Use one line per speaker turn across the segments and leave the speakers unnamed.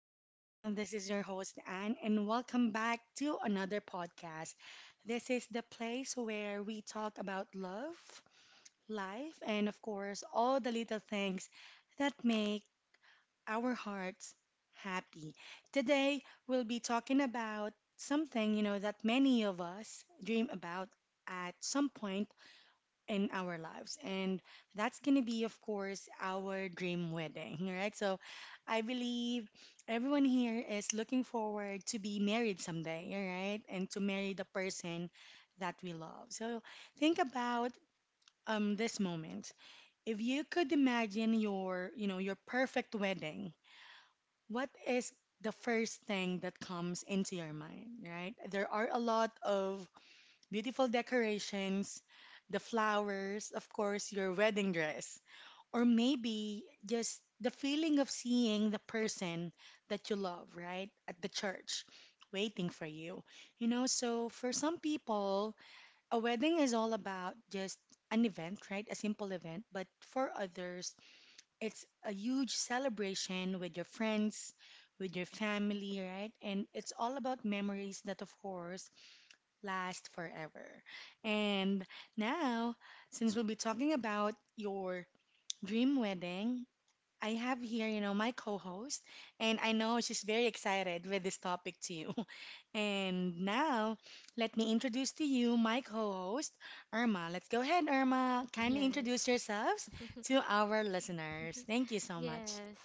everyone. This is your host, Anne, and welcome back to another podcast. This is the place where we talk about love, life, and of course, all the little things that make our hearts happy. Today, we'll be talking about something, that many of us dream about at some point in our lives. And that's going to be, of course, our dream wedding, right? So I believe everyone here is looking forward to be married someday, all right? And to marry the person that we love. So think about this moment. If you could imagine your, your perfect wedding, what is the first thing that comes into your mind, right? There are a lot of beautiful decorations, the flowers, of course, your wedding dress, or maybe just the feeling of seeing the person that you love, right, at the church waiting for you. You know, so for some people, a wedding is all about just an event, right, a simple event, but for others, it's a huge celebration with your friends. With your family, right? And it's all about memories that, of course, last forever. And now, since we'll be talking about your dream wedding, I have here, my co-host, and I know she's very excited with this topic too. And now, let me introduce to you my co-host, Irma. Let's go ahead, Irma. Kindly introduce
Yes.
yourselves to our listeners. Thank you so much.
Yes.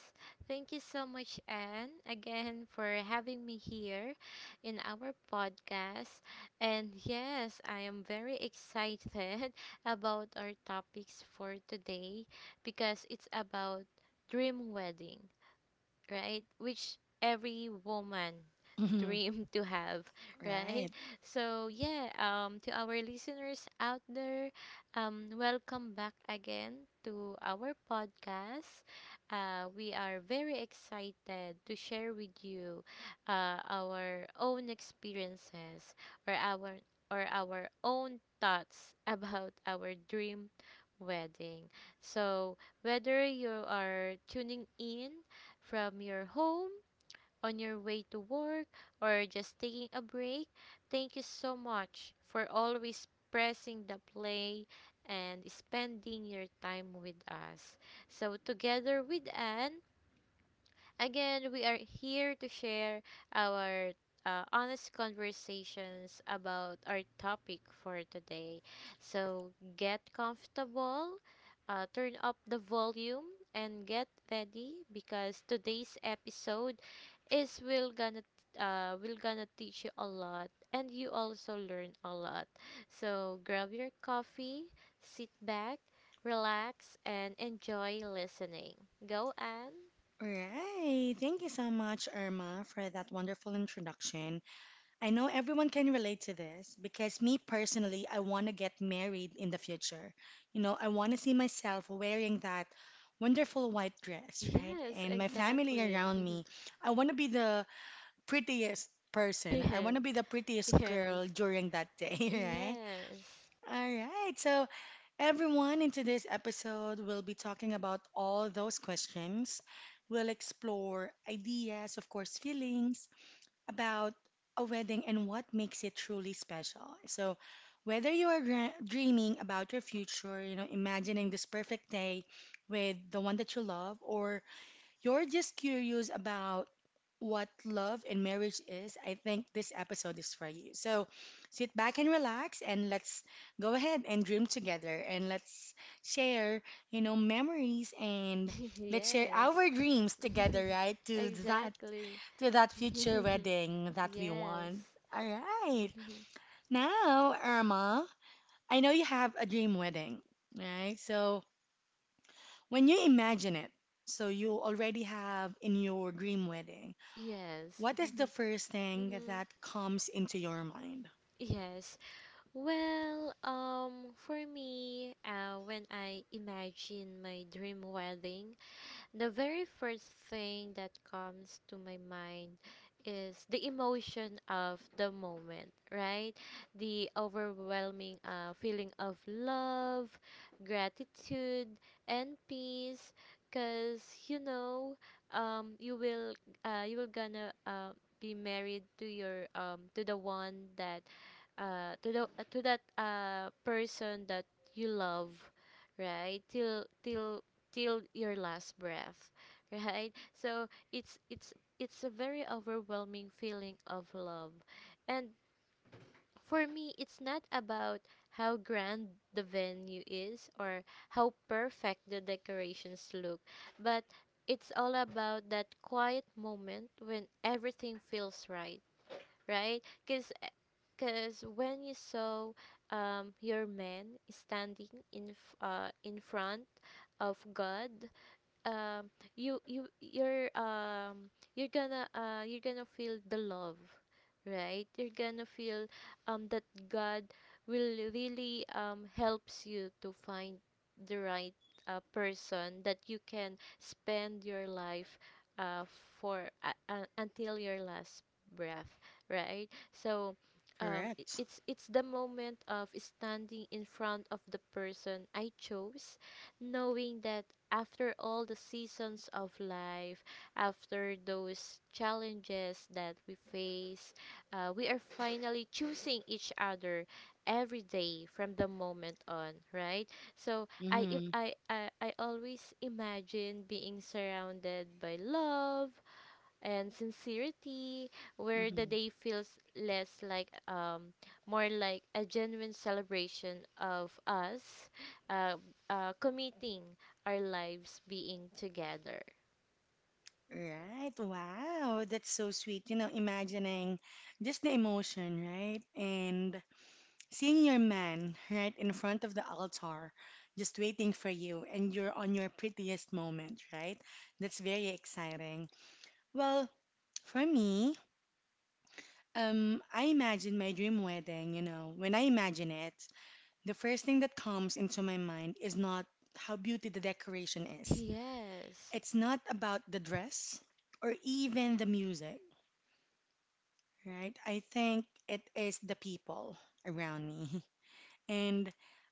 Thank you so much, Anne, again for having me here in our podcast. And yes, I am very excited about our topics for today because it's about dream wedding, right? Which every woman
Mhm.
dream to have, right?
Right.
So yeah, to our listeners out there, welcome back again to our podcast. We are very excited to share with you our own experiences or our or our own thoughts about our dream wedding. So whether you are tuning in from your home, on your way to work, or just taking a break. Thank you so much for always pressing the play and spending your time with us. So, together with Anne, again, we are here to share our honest conversations about our topic for today. So get comfortable, turn up the volume, and get ready because today's episode is will gonna teach you a lot and you also learn a lot. So grab your coffee, sit back, relax, and enjoy listening. Go, Anne.
Right. Thank you so much, Irma, for that wonderful introduction. I know everyone can relate to this because me personally, I want to get married in the future. You know, I want to see myself wearing that wonderful white dress, right?
Yes,
And my family
exactly.
around me, I want to be the prettiest person. I want to be the prettiest
Yes,
girl during that day, right?
yes,
All right. So, everyone, in today's episode we will be talking about all those questions. We'll explore ideas, of course, feelings about a wedding and what makes it truly special. So, whether you are dreaming about your future, imagining this perfect day with the one that you love, or you're just curious about what love and marriage is, I think this episode is for you. So, sit back and relax and let's go ahead and dream together and let's share, memories, and let's share
yes,
our dreams
yes,
together, right? To
exactly.
that future wedding that we
Yes,
want. All right. Now, Irma, I know you have a dream wedding, right? So, when you imagine it, so you already have in your dream wedding,
yes,
what is the first thing
Mhm.
that comes into your mind?
Yes. Well, for me, when I imagine my dream wedding, the very first thing that comes to my mind is the emotion of the moment, right? The overwhelming feeling of love, gratitude, and peace. Cause um, you will, you will gonna be married to the one that, to that person that you love, right? Till your last breath. Right, so it's a very overwhelming feeling of love, and for me, it's not about how grand the venue is or how perfect the decorations look, but it's all about that quiet moment when everything feels right. Right, because when you saw your man standing in front of God. Um you you you're um you're gonna uh you're gonna feel the love. Right, you're gonna feel that God will really helps you to find the right person that you can spend your life uh for until your last breath. Right, so um i-
Correct.
it's it's the moment of standing in front of the person I chose, knowing that after all the seasons of life, after those challenges that we face, we are finally choosing each other every day from the moment on, right? So I, im-
Mm-hmm.
I always imagine being surrounded by love, and sincerity, where the
Mm-hmm.
day feels less like, um, more like a genuine celebration of us uh, committing our lives being together.
Right. Wow. That's so sweet. You know, imagining just the emotion, right? And seeing your man right in front of the altar, just waiting for you, and you're on your prettiest moment, right? That's very exciting. Well, for me, I imagine my dream wedding, when I imagine it, the first thing that comes into my mind is not how beauty the decoration is.
Yes,
It's not about the dress or even the music, right? I think it is the people around me. And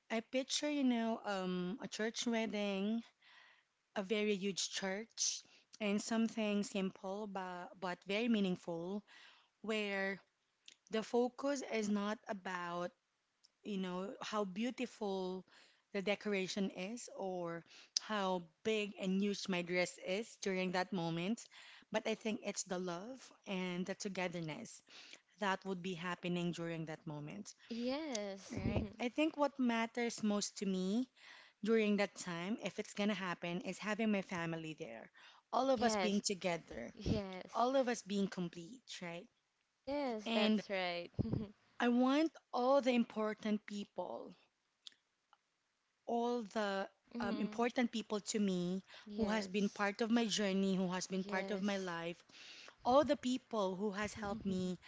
I picture, a church wedding, a very huge church, and something simple but, very meaningful, where the focus is not about, how beautiful the decoration is or how big and huge my dress is during that moment, but I think it's the love and the togetherness that would be happening during that moment,
yes,
right? I think what matters most to me during that time, if it's gonna happen, is having my family there. All of us being
yes,
together,
yes,
all of us being complete, right?
yes,
And
that's right.
I want all the important people, all the
Mhm.
important people to me who has been
Yes,
part of my journey, who has been part of my
yes.
life, all the people who has helped
Mm,
me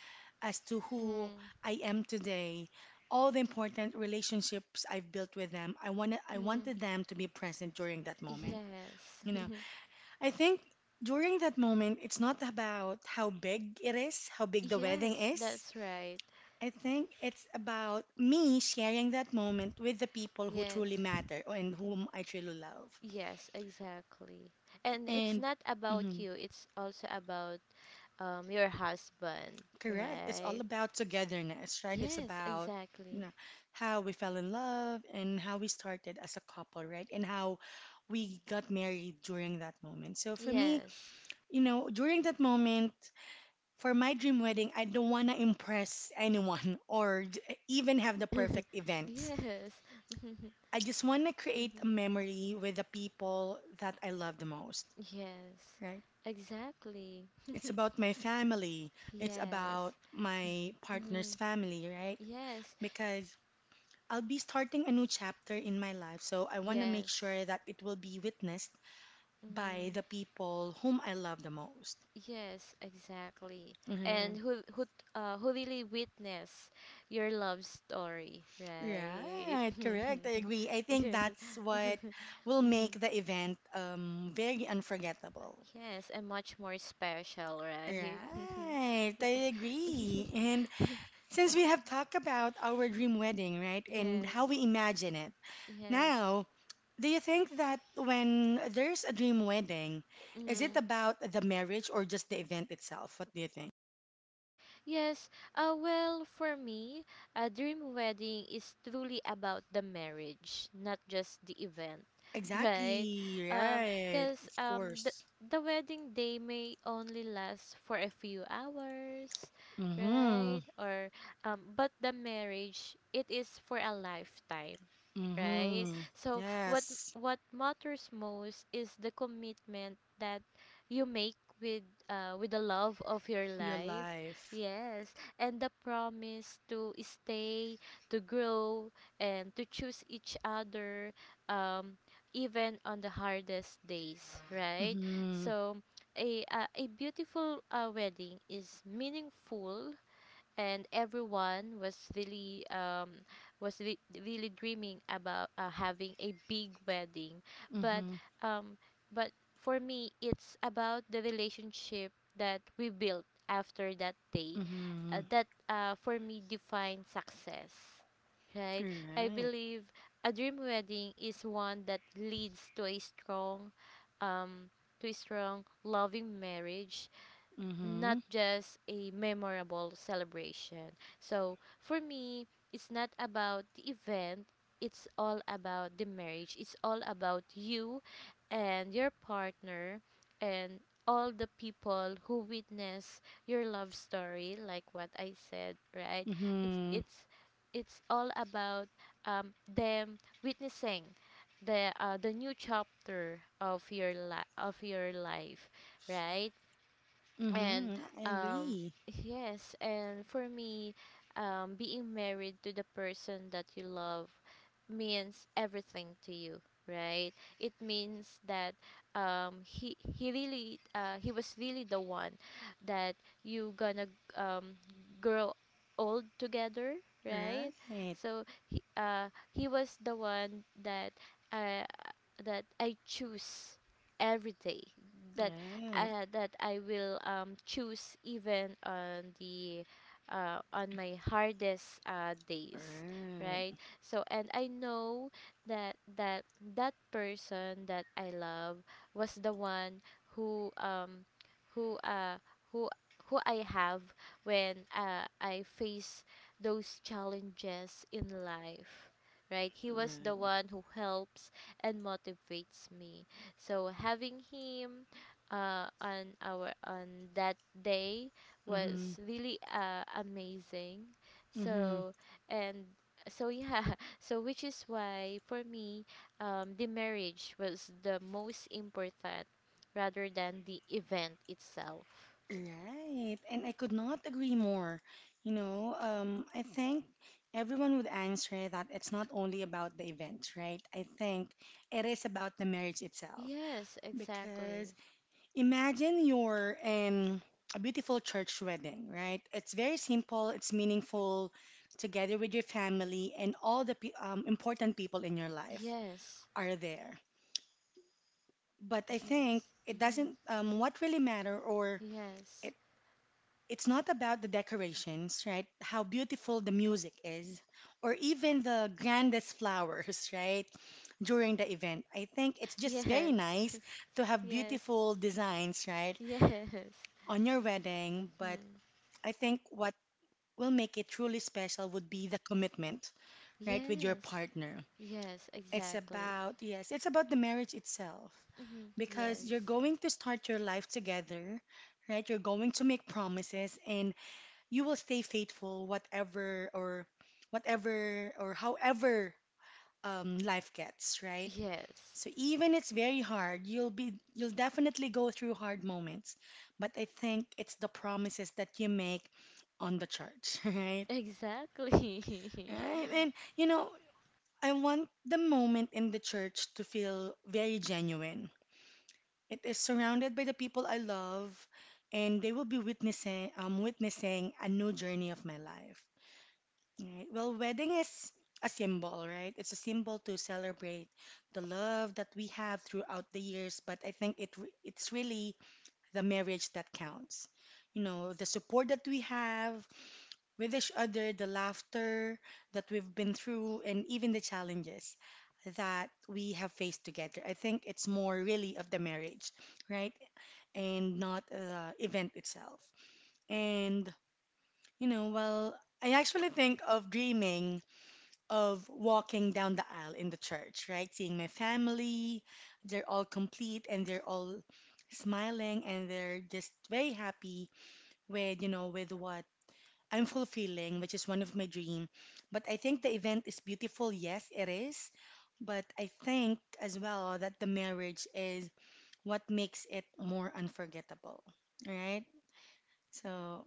as to who I am today, all the important relationships I've built with them. I wanted I
mhm.
wanted them to be present during that moment.
Yes,
You know, I think during that moment, it's not about how big it is, how big the wedding
yes,
is.
that's right.
I think it's about me sharing that moment with the people who
Yes.
truly matter and whom I truly love.
Yes, exactly. And it's
And
not about
mhm,
you, it's also about your husband,
correct, it's all
right?
about togetherness, right? It's
Yes,
about you know,
exactly.
how we fell in love and how we started as a couple, right? And how we got married during that moment. So for me,
Yes.
during that moment, for my dream wedding, I don't want to impress anyone or even have the perfect events.
Yes.
I just want to create a
Hmm.
memory with the people that I love the most,
Yes.
right?
Exactly.
It's about my family, it's
Yes.
about my partner's
Hmm.
family, right?
Yes.
Because I'll be starting a new chapter in my life, so I want to make
Yes.
sure that it will be witnessed by
Mm-hmm.
the people whom I love the most.
Yes, exactly. And
Mhm.
who who really witness your love story, right?
Right, correct. I agree. I think
Yes.
that's what will make
Mhm.
the event very unforgettable.
Yes, and much more special, right?
Right, I
Yes.
agree. And since we have talked about our dream wedding, right, and
Yes.
how we imagine it,
Yes.
now, do you think that when there's a dream wedding, is it
Mm.
about the marriage or just the event itself? What do you think?
Yes, well, for me, a dream wedding is truly about the marriage, not just the event, right?
Exactly,
Because um,
right,
'cause,
of
um, the,
course.
the wedding day may only last for a few hours,
Mm-hmm.
right? Or, but the marriage, it is for a lifetime. Right,
Mm-hmm.
so what
Yes.
matters most is the commitment that you make with the love of your
Your
life.
life.
Yes, and the promise to stay, to grow, and to choose each other, um, even on the hardest days, right?
Mm-hmm.
So, a beautiful wedding is meaningful, and everyone was was re- really dreaming about having a big wedding, but
Mm-hmm.
um but for me, it's about the relationship that we built after that day,
Mm-hmm.
that for me, define success, right? I
Right.
believe a dream wedding is one that leads to um a strong loving marriage,
Mm-hmm.
not just a memorable celebration. So for me, it's not about the event, it's all about the marriage. It's all about you and your partner and all the people who witness your love story, like what I said, right? It's
Mm-hmm.
it's it's all about them witnessing the new chapter of your life, right? And
Mm-hmm. I
um
agree.
yes, and for me, being married to the person that you love means everything to you, right? It means that he was really the one that you gonna um grow old together, right?
Right.
So he was the one uh that I choose every day, that
Right.
that I will choose even on my hardest days, right?
Right.
So and I know that that person that I love was the one who um who uh who who I have when I face those challenges in life. Right, he was the
Right.
one who helps and motivates me. So having him on that day
Mm-hmm.
was really, amazing.
Mm-hmm.
So and so, yeah, so which is why for me, the marriage was the most important rather than the event itself.
Right. And I could not agree more. You know, I think everyone would answer that it's not only about the event, right? I think it is about the marriage itself
Yes,
because
exactly.
imagine you're in a beautiful church wedding, right? It's very simple, it's meaningful, together with your family and all the important people in your life
Yes,
are there. But I think
yes,
it
mm-hmm.
doesn't, what really matter, or
Yes,
it, it's not about the decorations, right? How beautiful the music is, or even the grandest flowers, right? During the event. I think it's just
yes,
very nice to have
yes,
beautiful designs, right?
yes,
On your wedding, but
mm-hmm.
I think what will make it truly special would be the commitment, right, with your
Yes,
partner.
yes,
It's
exactly.
about, yes, it's about the marriage itself
Hmm.
because you're
Yes.
going to start your life together, right? You're going to make promises and you will stay faithful whatever or however life gets, right?
Yes.
So even it's very hard, you'll definitely go through hard moments, but I think it's the promises that you make on the church, right?
Exactly.
Right? And you know, I want the moment in the church to feel very genuine. It is surrounded by the people I love, and they will be witnessing a new journey of my life. Right? Well, wedding is a symbol, right? It's a symbol to celebrate the love that we have throughout the years, but I think it's really the marriage that counts. You know, the support that we have with each other, the laughter that we've been through, and even the challenges that we have faced together. I think it's more really of the marriage, right? And not the event itself. And, you know, well, I actually think of dreaming of walking down the aisle in the church, right? Seeing my family, they're all complete and they're all smiling and they're just very happy with, with what I'm fulfilling, which is one of my dream. But I think the event is beautiful. Yes, it is. But I think as well that the marriage is what makes it more unforgettable, right? So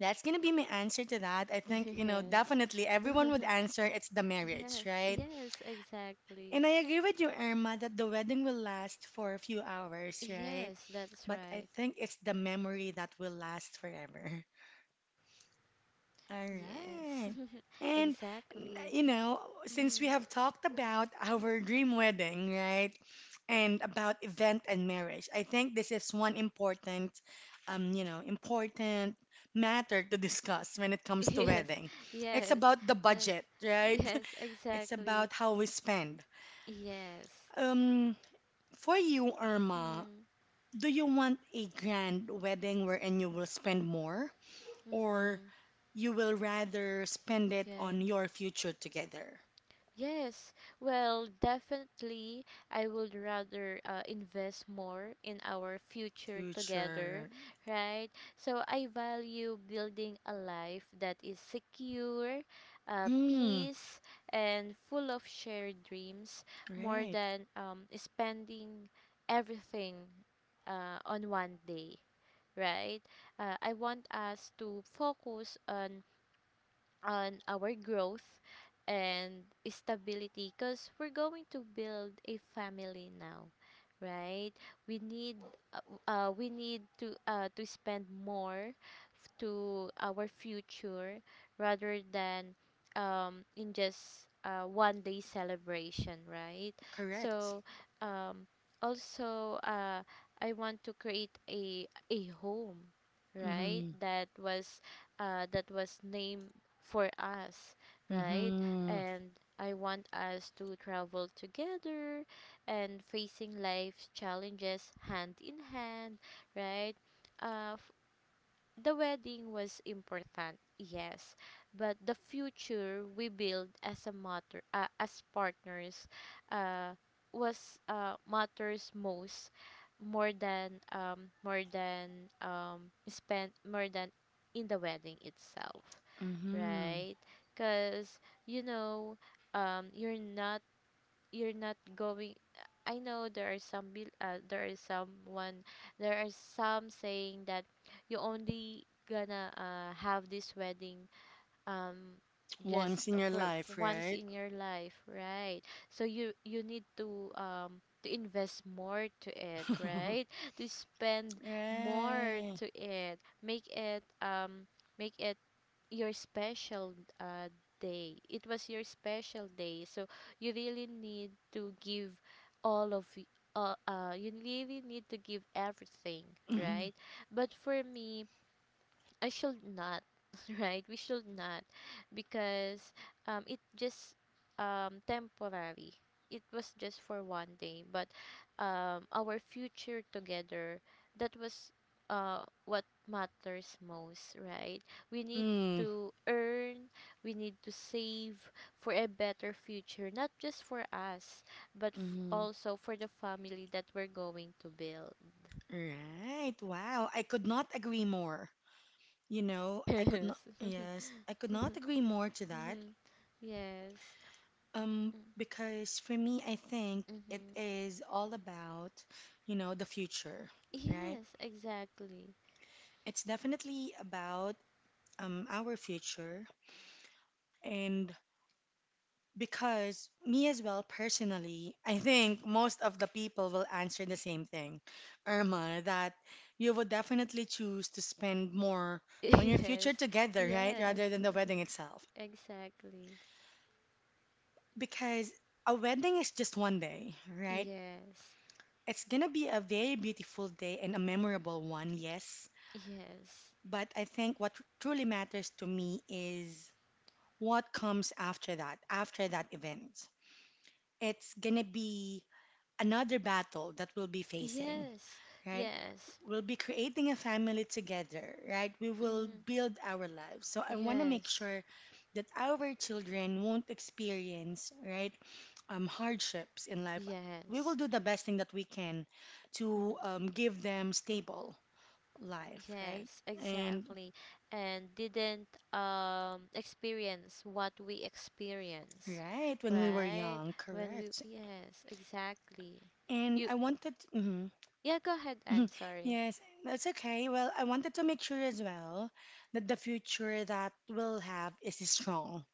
that's gonna be my answer to that. I think,
Yes.
definitely everyone would answer it's the marriage,
Yes.
right?
Yes, exactly.
And I agree with you, Irma, that the wedding will last for a few hours, right?
Yes, that's
But I
right.
think it's the memory that will last forever. All
Yes.
right. And,
Exactly.
you know, since we
Mm.
have talked about our dream wedding, right, and about event and marriage, I think this is one important, important matter to discuss when it comes to
Yes.
wedding. It's
Yes.
about the
That's
budget, right?
yes,
It's
exactly.
about how we spend.
Yes.
Um, for you, Irma,
Mm.
do you want a grand wedding wherein you will spend more? Or
Mm.
you will rather spend it
Yes,
on your future together?
Yes, well, definitely, I would rather invest more in our future together,
Future.
right? So I value building a life that is secure,
Mm-hmm.
peace, and full of shared dreams more
Right.
than spending everything on one day, right? I want us to focus on our growth and stability because we're going to build a family now, right? We uh, need to spend more, to our future rather than, in just one day celebration, right?
Correct.
So, um, also, I want to create a home, right?
Mm-hmm.
That was, named for us, right?
Mm-hmm.
And I want us to travel together and facing life's challenges hand in hand, right? Uh, f- the wedding was important, yes, but the future we build as partners, uh, was, matters most, more than spend more than in the wedding itself,
Mm-hmm.
right? Because you know, um, you're not you're not going. I know there are some saying that you only gonna have this wedding, um
Once
just
in your
for
life,
once
right?
in your life, right? So you need to invest more to it, right? To spend more
Right.
to it, make it your special uh, day. It was your special day, so you really need to give all of y- everything,
Mm-hmm.
right? But for me, I should not, right? We should not because it just temporary. It was just for one day, but our future together, that was what matters most, right? We need
Mm-hmm.
to earn, we need to save for a better future, not just for us, but,
Mm-hmm.
also for the family that we're going to build.
Right. Wow. I could not agree more. You know, I could not, yes, I could
Yes.
not agree more to that.
Yes.
Because for me, I think it
Mm-hmm.
is all about, the future, right?
Yes, exactly.
It's definitely about our future. And because me as well, personally, I think most of the people will answer the same thing, Irma, that you would definitely choose to spend more on your
Yes,
future together, right?
yes,
Rather than the wedding itself.
exactly.
Because a wedding is just one day, right?
Yes,
It's gonna be a very beautiful day and a memorable one, yes.
yes,
But I think what truly matters to me is what comes after that event. It's gonna be another battle that we'll be facing,
yes,
right?
yes,
We'll be creating a family together, right? We will
mm-hmm.
build our lives. So I wanna make
Yes,
sure that our children won't experience, right, hardships in life. We will
yes,
do the best thing that we can to
Mhm.
give them stable life, right?
Yes,
And
exactly. And didn't experience what we experience,
right when we were
right?
young,
When we,
correct.
yes, exactly.
And
You
I wanted, mhm,
Yeah, go ahead,
mhm.
Anne. Sorry.
Yes, that's okay. Well, I wanted to make sure as well that the future that we'll have is strong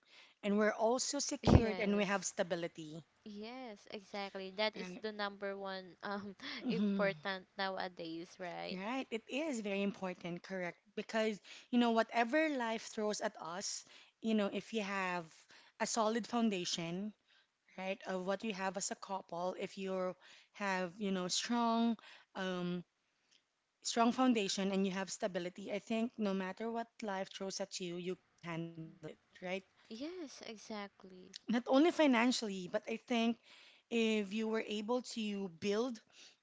and we're also secured and we
Yes.
have stability.
Yes, exactly. That is
And
the number one
mhm,
important nowadays, right?
right, it is very important, correct? Because whatever life throws at us, if you have a solid foundation right? Of what you have as a couple, if you have, um, strong foundation and you have stability, I think no matter what life throws at you, you can handle it, right?
Yes, exactly.
Not only financially, but I think if you were able to build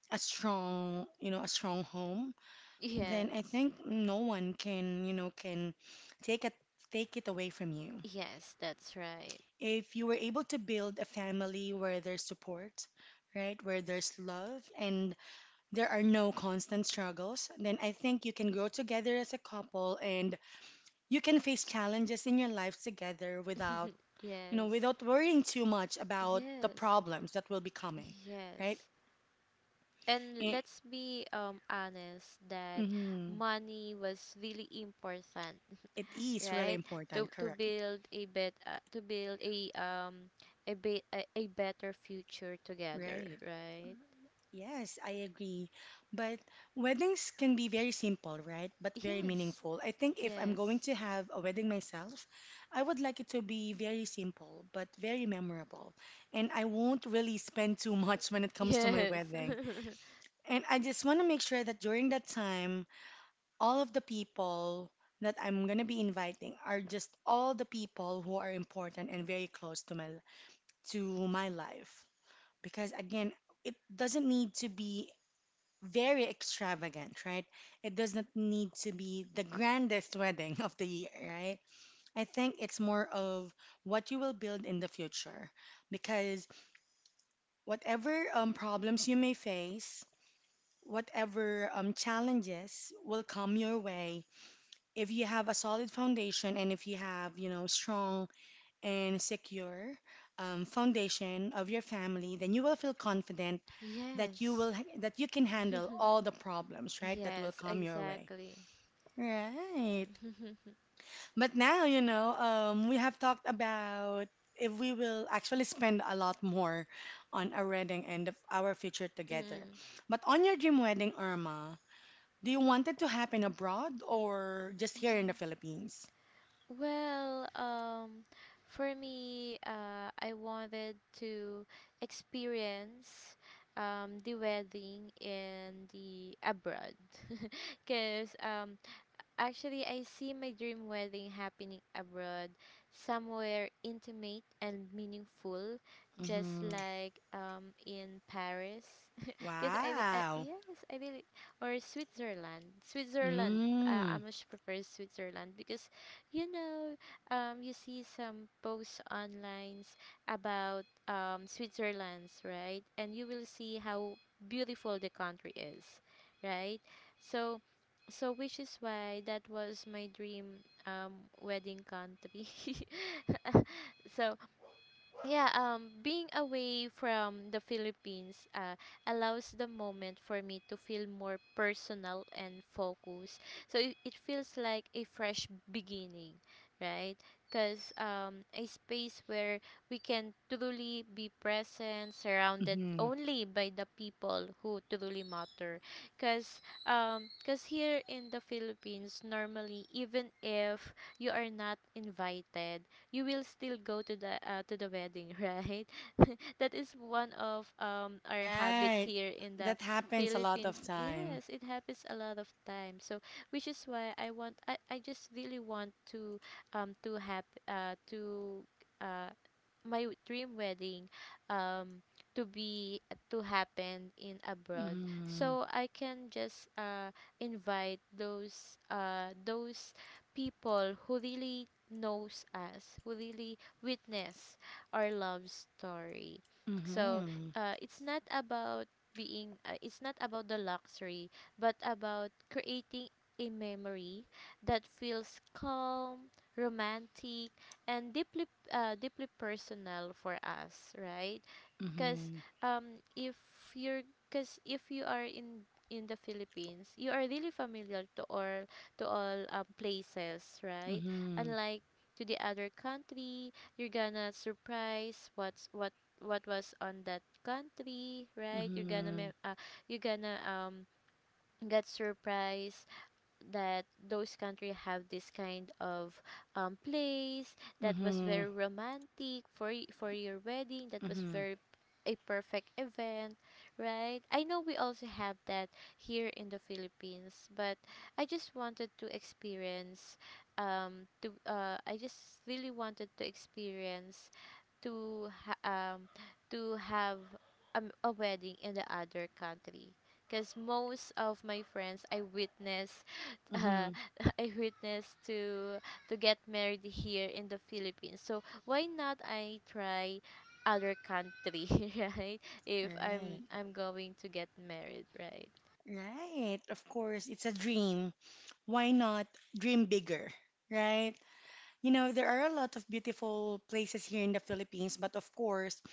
a strong, a strong home, then I
Yes.
think no one can, can take it take it away from you.
Yes, that's right.
If you were able to build a family where there's support, right, where there's love and there are no constant struggles, then I think you can grow together as a couple and you can face challenges in your life together without,
Yes.
without worrying too much about the
Yes.
problems that will be coming, right?
Yes. And
It,
let's be honest that
mm,
money was really important,
it is really
right? To
important,
to
correct?
build a, be- a better future together,
Right.
right?
Yes, I agree. But weddings can be very simple, right? But very
Yes.
meaningful. I think if I'm going
Yes.
to have a wedding myself, I would like it to be very simple, but very memorable. And I won't really spend too much when it comes to my
Yes.
wedding. And I just want to make sure that during that time, all of the people that I'm going to be inviting are just all the people who are important and very close to my life. Because again, it doesn't need to be very extravagant, right? It doesn't need to be the grandest wedding of the year, right? I think it's more of what you will build in the future because whatever problems you may face, whatever challenges will come your way, if you have a solid foundation and if you have, strong and secure foundation of your family, then you will feel confident that you
Yes.
will that you can handle all the problems right that will
Yes,
come your way.
exactly.
Right. But now, we have talked about if we will actually spend a lot more on our wedding and of our future together.
Mm.
But on your dream wedding, Irma, do you want it to happen abroad or just here in the
Mm.
Philippines?
Well, for me, I wanted to experience the wedding in the abroad, because, actually, I see my dream wedding happening abroad, somewhere intimate and meaningful, just
Hmm.
like in Paris. Because I, be- I
Wow.
yes, I really or Switzerland. Switzerland. I
Mm.
much prefer Switzerland because, you know, you see some posts online about Switzerland's right, and you will see how beautiful the country is, right? So so which is why that was my dream um wedding country. So yeah, being away from the Philippines allows the moment for me to feel more personal and focused. So it feels like a fresh beginning, right? Because a space where we can truly be present, surrounded
Hmm.
only by the people who truly matter. Because cause here in the Philippines, normally, even if you are not invited, you will still go to the wedding, right? that is one of our habits
Right.
here in the
That happens a lot of
Philippines.
time.
Yes, it happens a lot of times. So which is why I just really want to have to uh my dream wedding um to be to happen in abroad
Mm-hmm.
so I can just invite those people who really knows us, who really witness our love story. So
Mm-hmm.
it's not about being it's not about the luxury, but about creating a memory that feels calm, romantic, and deeply deeply personal for us, right? Because
Mm-hmm.
um, if you're if you are in the Philippines, you are really familiar to all places, right?
Mm-hmm.
Unlike to the other country, you're gonna surprise what was on that country, right? You're gonna
Mm-hmm.
you're gonna get surprised that those country have this kind of place that was very romantic for for your wedding, that was
Mm-hmm.
very a perfect event, right? I know we also have that here in the Philippines, but I just wanted to experience to I just really wanted to experience to ha- um to have a wedding in the other country because most of my friends I witness, uh,
Mm-hmm.
I witnessed to get married here in the Philippines. So why not I try other country, right? If
Right.
I'm going to get married, right?
Right. Of course, it's a dream. Why not dream bigger? Right? You know, there are a lot of beautiful places here in the Philippines, but of course,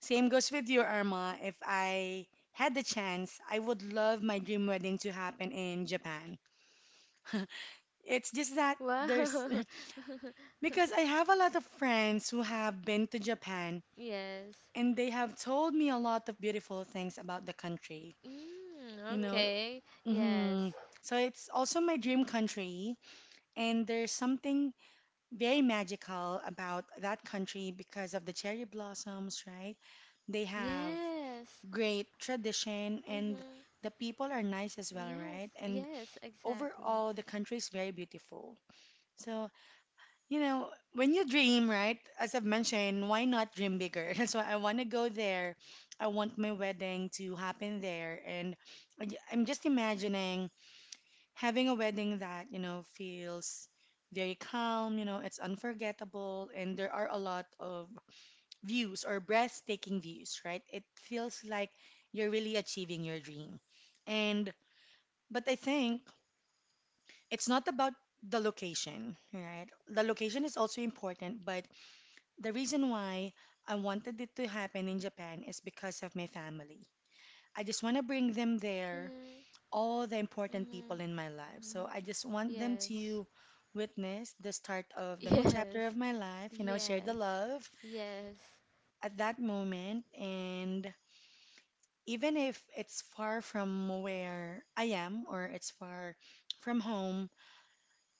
same goes with you, Arma. If I had the chance, I would love my dream wedding to happen in Japan. It's just that there's
Wow.
because I have a lot of friends who have been to Japan
Yes.
and they have told me a lot of beautiful things about the country.
Mm,
You know,
okay. Yes.
hmm. So it's also my dream country, and there's something very magical about that country because of the cherry blossoms, right? They have
Yes.
great tradition, and
Mhm.
the people are nice as well,
Yes.
right? And
Yes, exactly.
overall, the country is very beautiful. So, you know, when you dream, right, as I've mentioned, why not dream bigger? That's why I want to go there. I want my wedding to happen there, and I'm just imagining having a wedding that you know feels very calm, you know, it's unforgettable, and there are a lot of views or breathtaking views, right? It feels like you're really achieving your dream, and but I think it's not about the location, right? The location is also important, but the reason why I wanted it to happen in Japan is because of my family. I just want to bring them there,
Mhm.
all the important
Mhm.
people in my life. So
Mhm.
I just want them
Yes.
to witness the start of the new chapter
Yes.
of my life, you know, share the
Yes.
love
Yes.
at that moment. And even if it's far from where I am or it's far from home,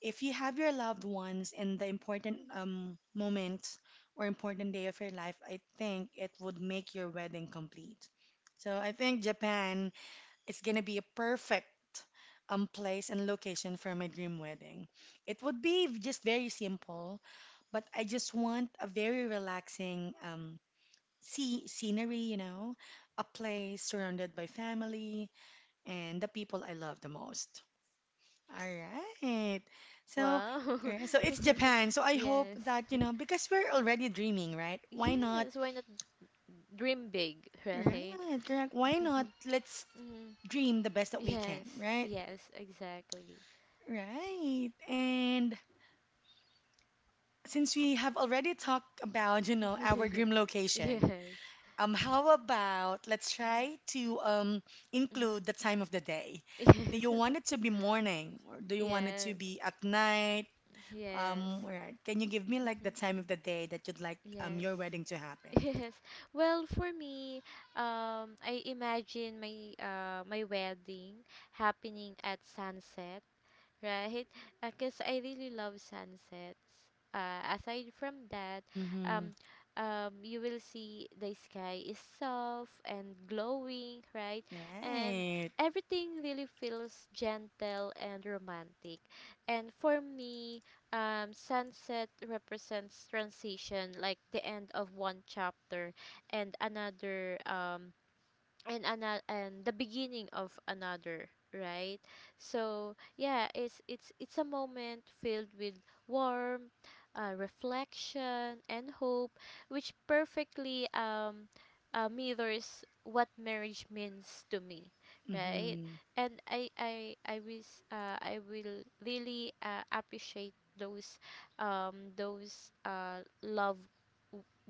if you have your loved ones in the important moment or important day of your life, I think it would make your wedding complete. So I think Japan it's gonna be a perfect place and location for my dream wedding. It would be just very simple, but I just want a very relaxing sea scenery, you know, a place surrounded by family and the people I love the most. All right. So,
Wow.
alright, so it's Japan. So I hope
Yes.
that, you know, because we're already dreaming, right? Why not?
Yes, why not dream big,
Right,
right?
correct. Why not? Let's
Mm.
dream the best that we
Yes.
can, right?
Yes, exactly.
Right. And since we have already talked about, you know, our dream location,
Yes.
how about let's try to
Mm-hmm.
include the time of the day. Do you
Yes.
want it to be morning or do you want it to
Yes.
be at night?
Yes.
Right. Can you give me like the
Mhm.
time of the day that you'd like
Yes.
your wedding to happen?
Yes. Well, for me, I imagine my my wedding happening at sunset, right? Because I really love sunsets. Aside from that,
Mm-hmm.
um, you will see the sky is soft and glowing, right? And
Right.
everything really feels gentle and romantic. And for me, sunset represents transition, like the end of one chapter and another. And another, and the beginning of another, right? So yeah, it's a moment filled with warmth, reflection and hope, which perfectly mirrors what marriage means to me, right?
Mm-hmm.
And I wish I will really appreciate those love,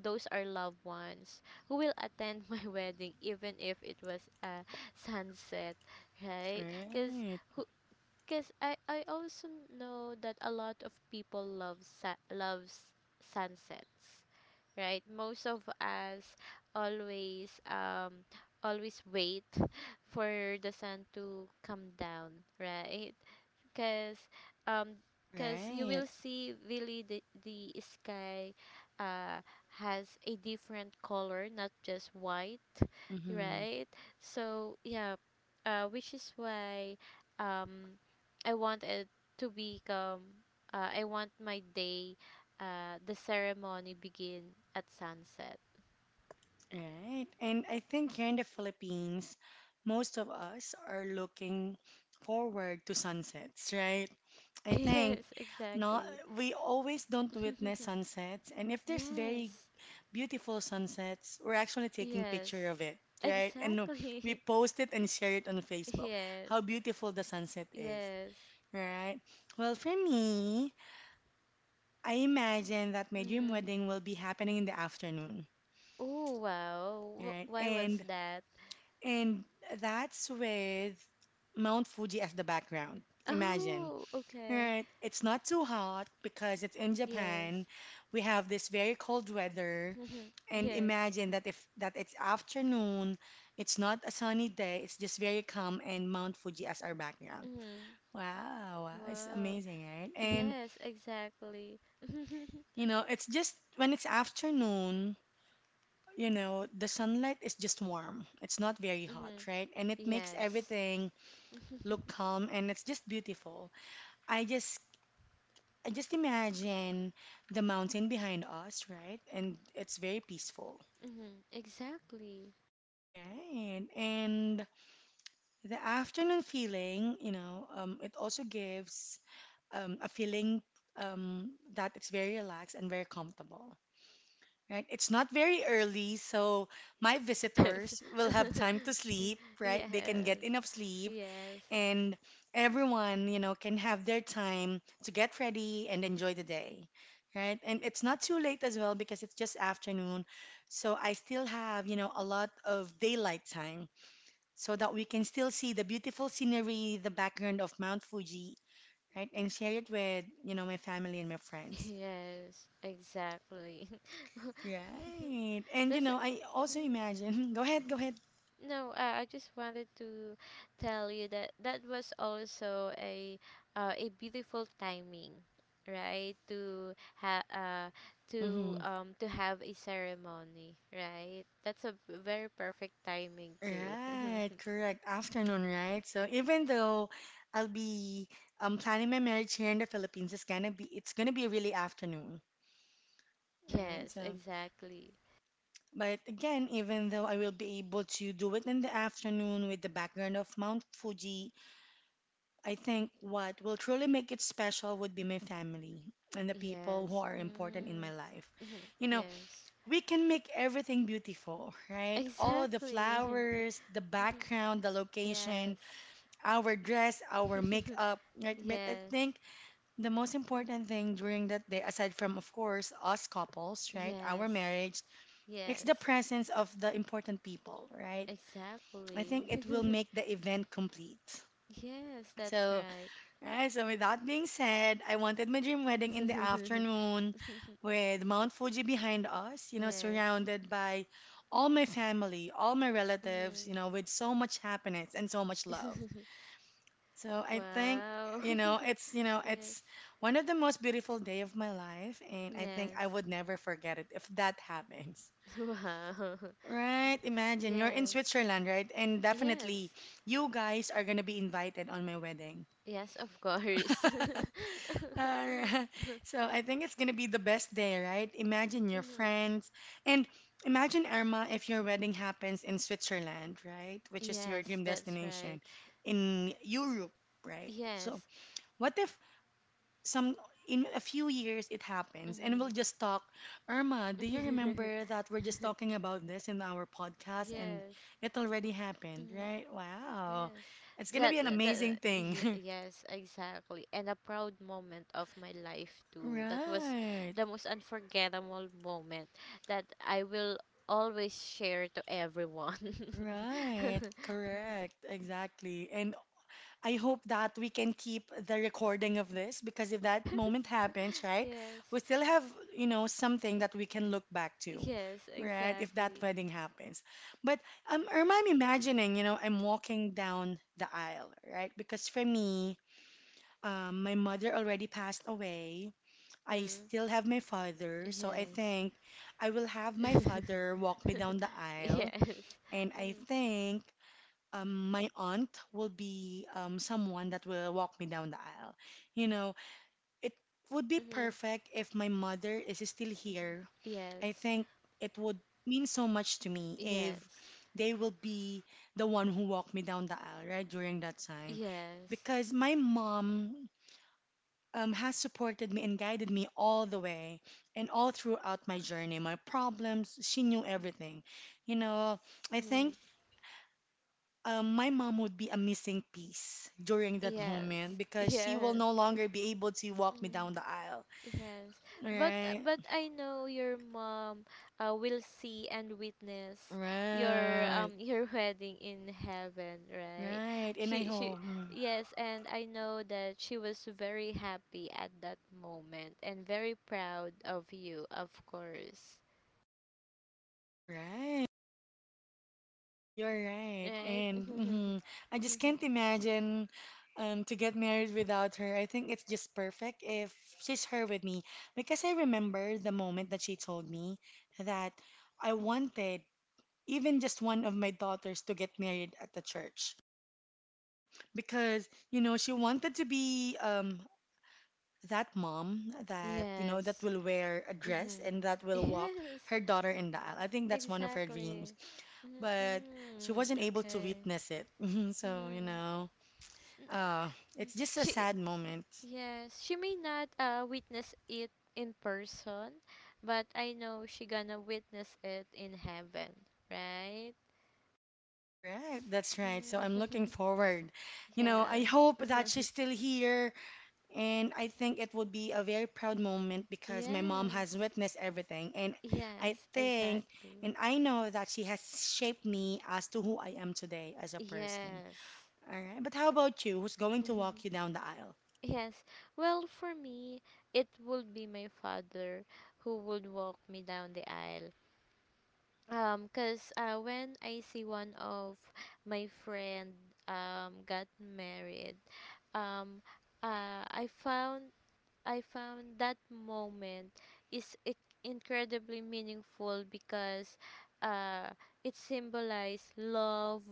those are loved ones who will attend my wedding even if it was a sunset, right? Cuz
Right.
who cuz I also know that a lot of people loves sunsets, right? Most of us always um always wait for the sun to come down, right? because um 'Cause you
Right.
will see really the sky uh has a different color, not just white,
Mm-hmm.
right? So yeah, which is why um I want it to become, I want my day, the ceremony begin at sunset.
Right. And I think here in the Philippines, most of us are looking forward to sunsets, right? I think
Yes,
not
exactly.
we always don't witness sunsets, and if there's very
Yes.
beautiful sunsets, we're actually taking picture
Yes,
of it, right? And we
exactly.
post it and share it on Facebook.
Yes.
How beautiful the sunset is,
Yes.
right? Well, for me, I imagine that my dream
Mm-hmm.
wedding will be happening in the afternoon,
Oh, wow.
right?
Why was
And
that?
And that's with Mount Fuji as the background. Imagine,
Oh, okay.
right? It's not too hot because it's in Japan.
Yes.
We have this very cold weather. And
Yes.
imagine that if that it's afternoon, it's not a sunny day, it's just very calm and Mount Fuji as our background.
Mm-hmm.
Wow, wow, it's
Wow.
amazing, right? And
Yes, exactly. Mm-hmm.
you know, it's just when it's afternoon, you know, the sunlight is just warm. It's not very hot, right? And it makes
Yes.
everything look calm and it's just beautiful. I just I just imagine the mountain behind us, right? And it's very peaceful.
Mm-hmm. Exactly.
Right. And the afternoon feeling, you know, it also gives a feeling that it's very relaxed and very comfortable, right? It's not very early, so my
Yes.
visitors will have time to sleep, right? They can get
Yes.
enough sleep
Yes.
and everyone, you know, can have their time to get ready and enjoy the day, right? And it's not too late as well because it's just afternoon. So I still have, you know, a lot of daylight time so that we can still see the beautiful scenery, the background of Mount Fuji, right? And share it with, you know, my family and my friends.
Yes. Exactly.
Right. And you
That's.
know, I also
Mm,
imagine. Go ahead, go
mm,
ahead.
no, I just wanted to tell you that that was also a beautiful timing, right? To ha to have a ceremony, right? That's a very perfect timing too.
Right, correct. Afternoon, right? So even though I'll be planning my marriage here in the Philippines, it's gonna be really afternoon, right?
Yes,
So,
exactly.
but again, even though I will be able to do it in the afternoon with the background of Mount Fuji, I think what will truly make it special would be my family and the people who
Yes.
are important in
Mm.
my life.
Mhm.
You know,
Yes.
we can make everything beautiful, right? All the
Exactly.
flowers, the
Mhm.
background, the location
Yes.
our dress, our makeup, right? But I
Yes.
think the most important thing during that day, aside from, of course, us couples, right, our
Yes.
marriage, it's
Yes.
the presence of the important people, right? I
Exactly.
think it will make the event complete.
Yes, that's
So,
right.
right, so with that being said, I wanted my dream wedding in the afternoon with Mount Fuji behind us, you know,
Yes.
surrounded by all my family, all my relatives,
Hmm.
you know, with so much happiness and so much love. So I think
Wow.
you know
Yes.
it's one of the most beautiful day of my life, and I think I
Yes.
would never forget it if that happens.
Wow.
Right? Imagine you're in
Yes.
Switzerland, right? And definitely
Yes.
you guys are gonna be invited on my wedding.
Yes, of course.
Alright. So I think it's gonna be the best day, right? Imagine your
Hmm.
friends and imagine Irma if your wedding happens in Switzerland, right? Which is your
Yes,
dream
that's right.
destination in Europe, right? So
Yes.
what if some in a few years it happens and
Hmm.
we'll just talk. Irma, do you remember that we're just talking about this in our podcast and
Yes.
it already happened,
Mhm.
right? Wow,
Yes,
it's gonna be an amazing thing.
yes, exactly, and a proud moment of my life too. That was
Right,
the most unforgettable moment that I will always share to everyone.
right, correct, exactly. And I hope that we can keep the recording of this because if that
Yes,
moment happens, right,
yes,
we still have, you know, something that we can look back to,
yes,
right, if that
exactly.
wedding happens. But Irma, I'm imagining, you know, I'm walking down the aisle, right? Because for me, my mother already passed away. I
Mm-hmm.
still have my father, so I
Yes,
think I will have my father walk me down the aisle,
yes,
and I
mm-hmm.
think my aunt will be someone that will walk me down the aisle. You know, it would be
Mm-hmm,
perfect if my mother is still here. I
yes,
think it would mean so much to me if
yes,
they will be the one who walked me down the aisle, right, during that time.
yes,
Because my mom has supported me and guided me all the way and all throughout my journey, my problems. She knew everything. You know, I
mm-hmm.
think my mom would be a missing piece during that moment
Yes,
because she will
yes.
no longer be able to walk me
Mm.
down the aisle.
Yes,
Right,
but I know your mom will see and witness your
right,
your wedding in heaven, right?
right. And I
She
hope,
Yes, and I know that she was very happy at that moment and very proud of you, of course,
right, you're right.
right?
And I just can't imagine to get married without her. I think it's just perfect if she's her with me because I remember the moment that she told me that I wanted even just one of my daughters to get married at the church, because you know she wanted to be that mom that, you know, that
Yes.
will wear a dress
Mhm.
and that will walk
Yes,
her daughter in the aisle. I think that's one of her
exactly.
dreams, but she
Mm-mm.
wasn't able to
Okay.
witness it. So, you
Mhm.
know,
N-
uh,
mm.
it's just a
She,
sad moment.
yes, she may not witness it in person, but I know she gonna witness it in heaven, right?
Correct. That's right. So I'm
Mm.
looking forward. You know, I
Yes.
hope that she's still here. And I think it would be a very proud moment because my mom has
Yes.
witnessed everything. And I
Yes,
think,
exactly.
and I know that she has shaped me as to who I am today as a person.
Yes.
All right. But how about you? Who's going to walk you down the aisle?
Yes. Well, for me, it would be my father who would walk me down the aisle. Cause When I see one of my friend got married, um, I found, I found that moment is incredibly meaningful because uh, it symbolized love,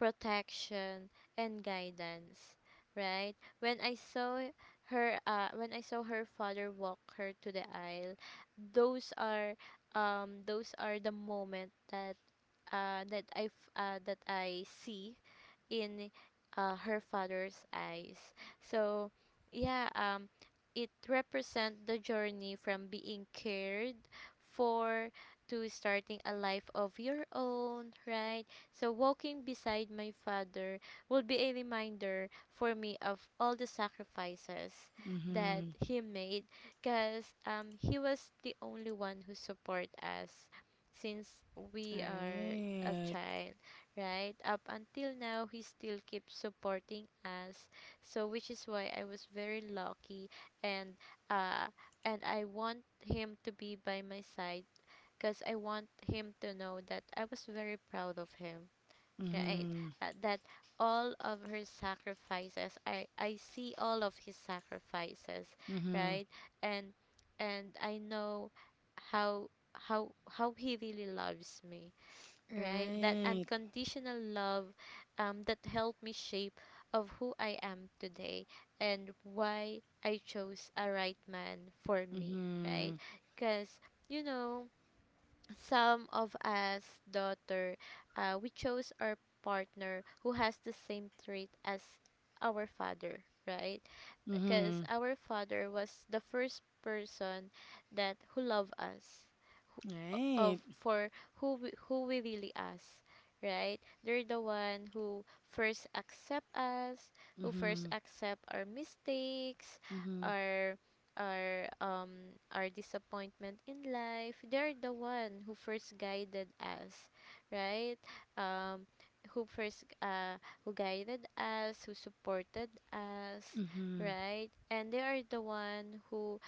protection, and guidance. Right, when I saw her, when I saw her father walk her to the aisle, those are those are the moment that that I see in, her father's eyes. So, yeah, it represents the journey from being cared for to starting a life of your own, right? So, walking beside my father will be a reminder for me of all the sacrifices that
Mm-hmm.
he made because he was the only one who support us since
All
we are a
right.
child, right up until now he still keeps supporting us. So which is why I was very lucky, and uh I want him to be by my side because I want him to know that I was very proud of him, right,
Mm-hmm.
that all of her sacrifices, I see all of his sacrifices,
Mm-hmm.
right? and and I know how, how he really loves me, right? That
Right.
unconditional love, that helped me shape of who I am today, and why I chose a right man for me, right?
Mm-hmm.
Because you know, some of us daughter, we chose our partner who has the same trait as our father, right? Because
Mm-hmm.
our father was the first person that who loved us, of
Right.
for who we really ask, right? They're the one who first accept us, who first
Mm-hmm.
accept our mistakes,
Mm-hmm.
our our disappointment in life. They're the one who first guided us, right, um who first uh who guided us, who supported us,
Mm-hmm.
right? And they are the one who,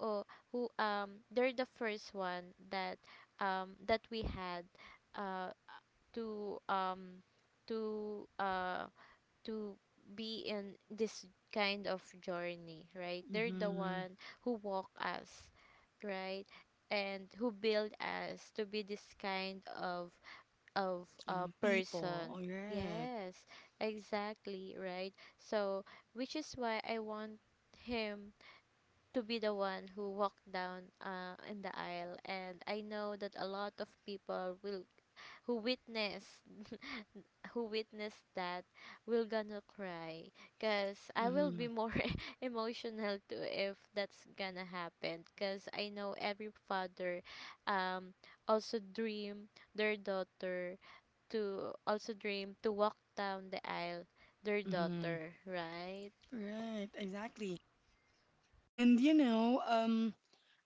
oh, who they're the first one that that we had uh to um to uh to be in this kind of journey, right? They're the
Mm-hmm.
one who walk us, right, and who build us to be this kind of
People.
person.
All right.
Yes, exactly, right? So which is why I want him to be the one who walked down, in the aisle, and I know that a lot of people will, who witness, who witness that, will gonna cry, because I will
Mm-hmm.
be more emotional too if that's gonna happen, because I know every father um also dream their daughter to also dream to walk down the aisle, their
Mm-hmm.
daughter, right?
Right, exactly. And you know,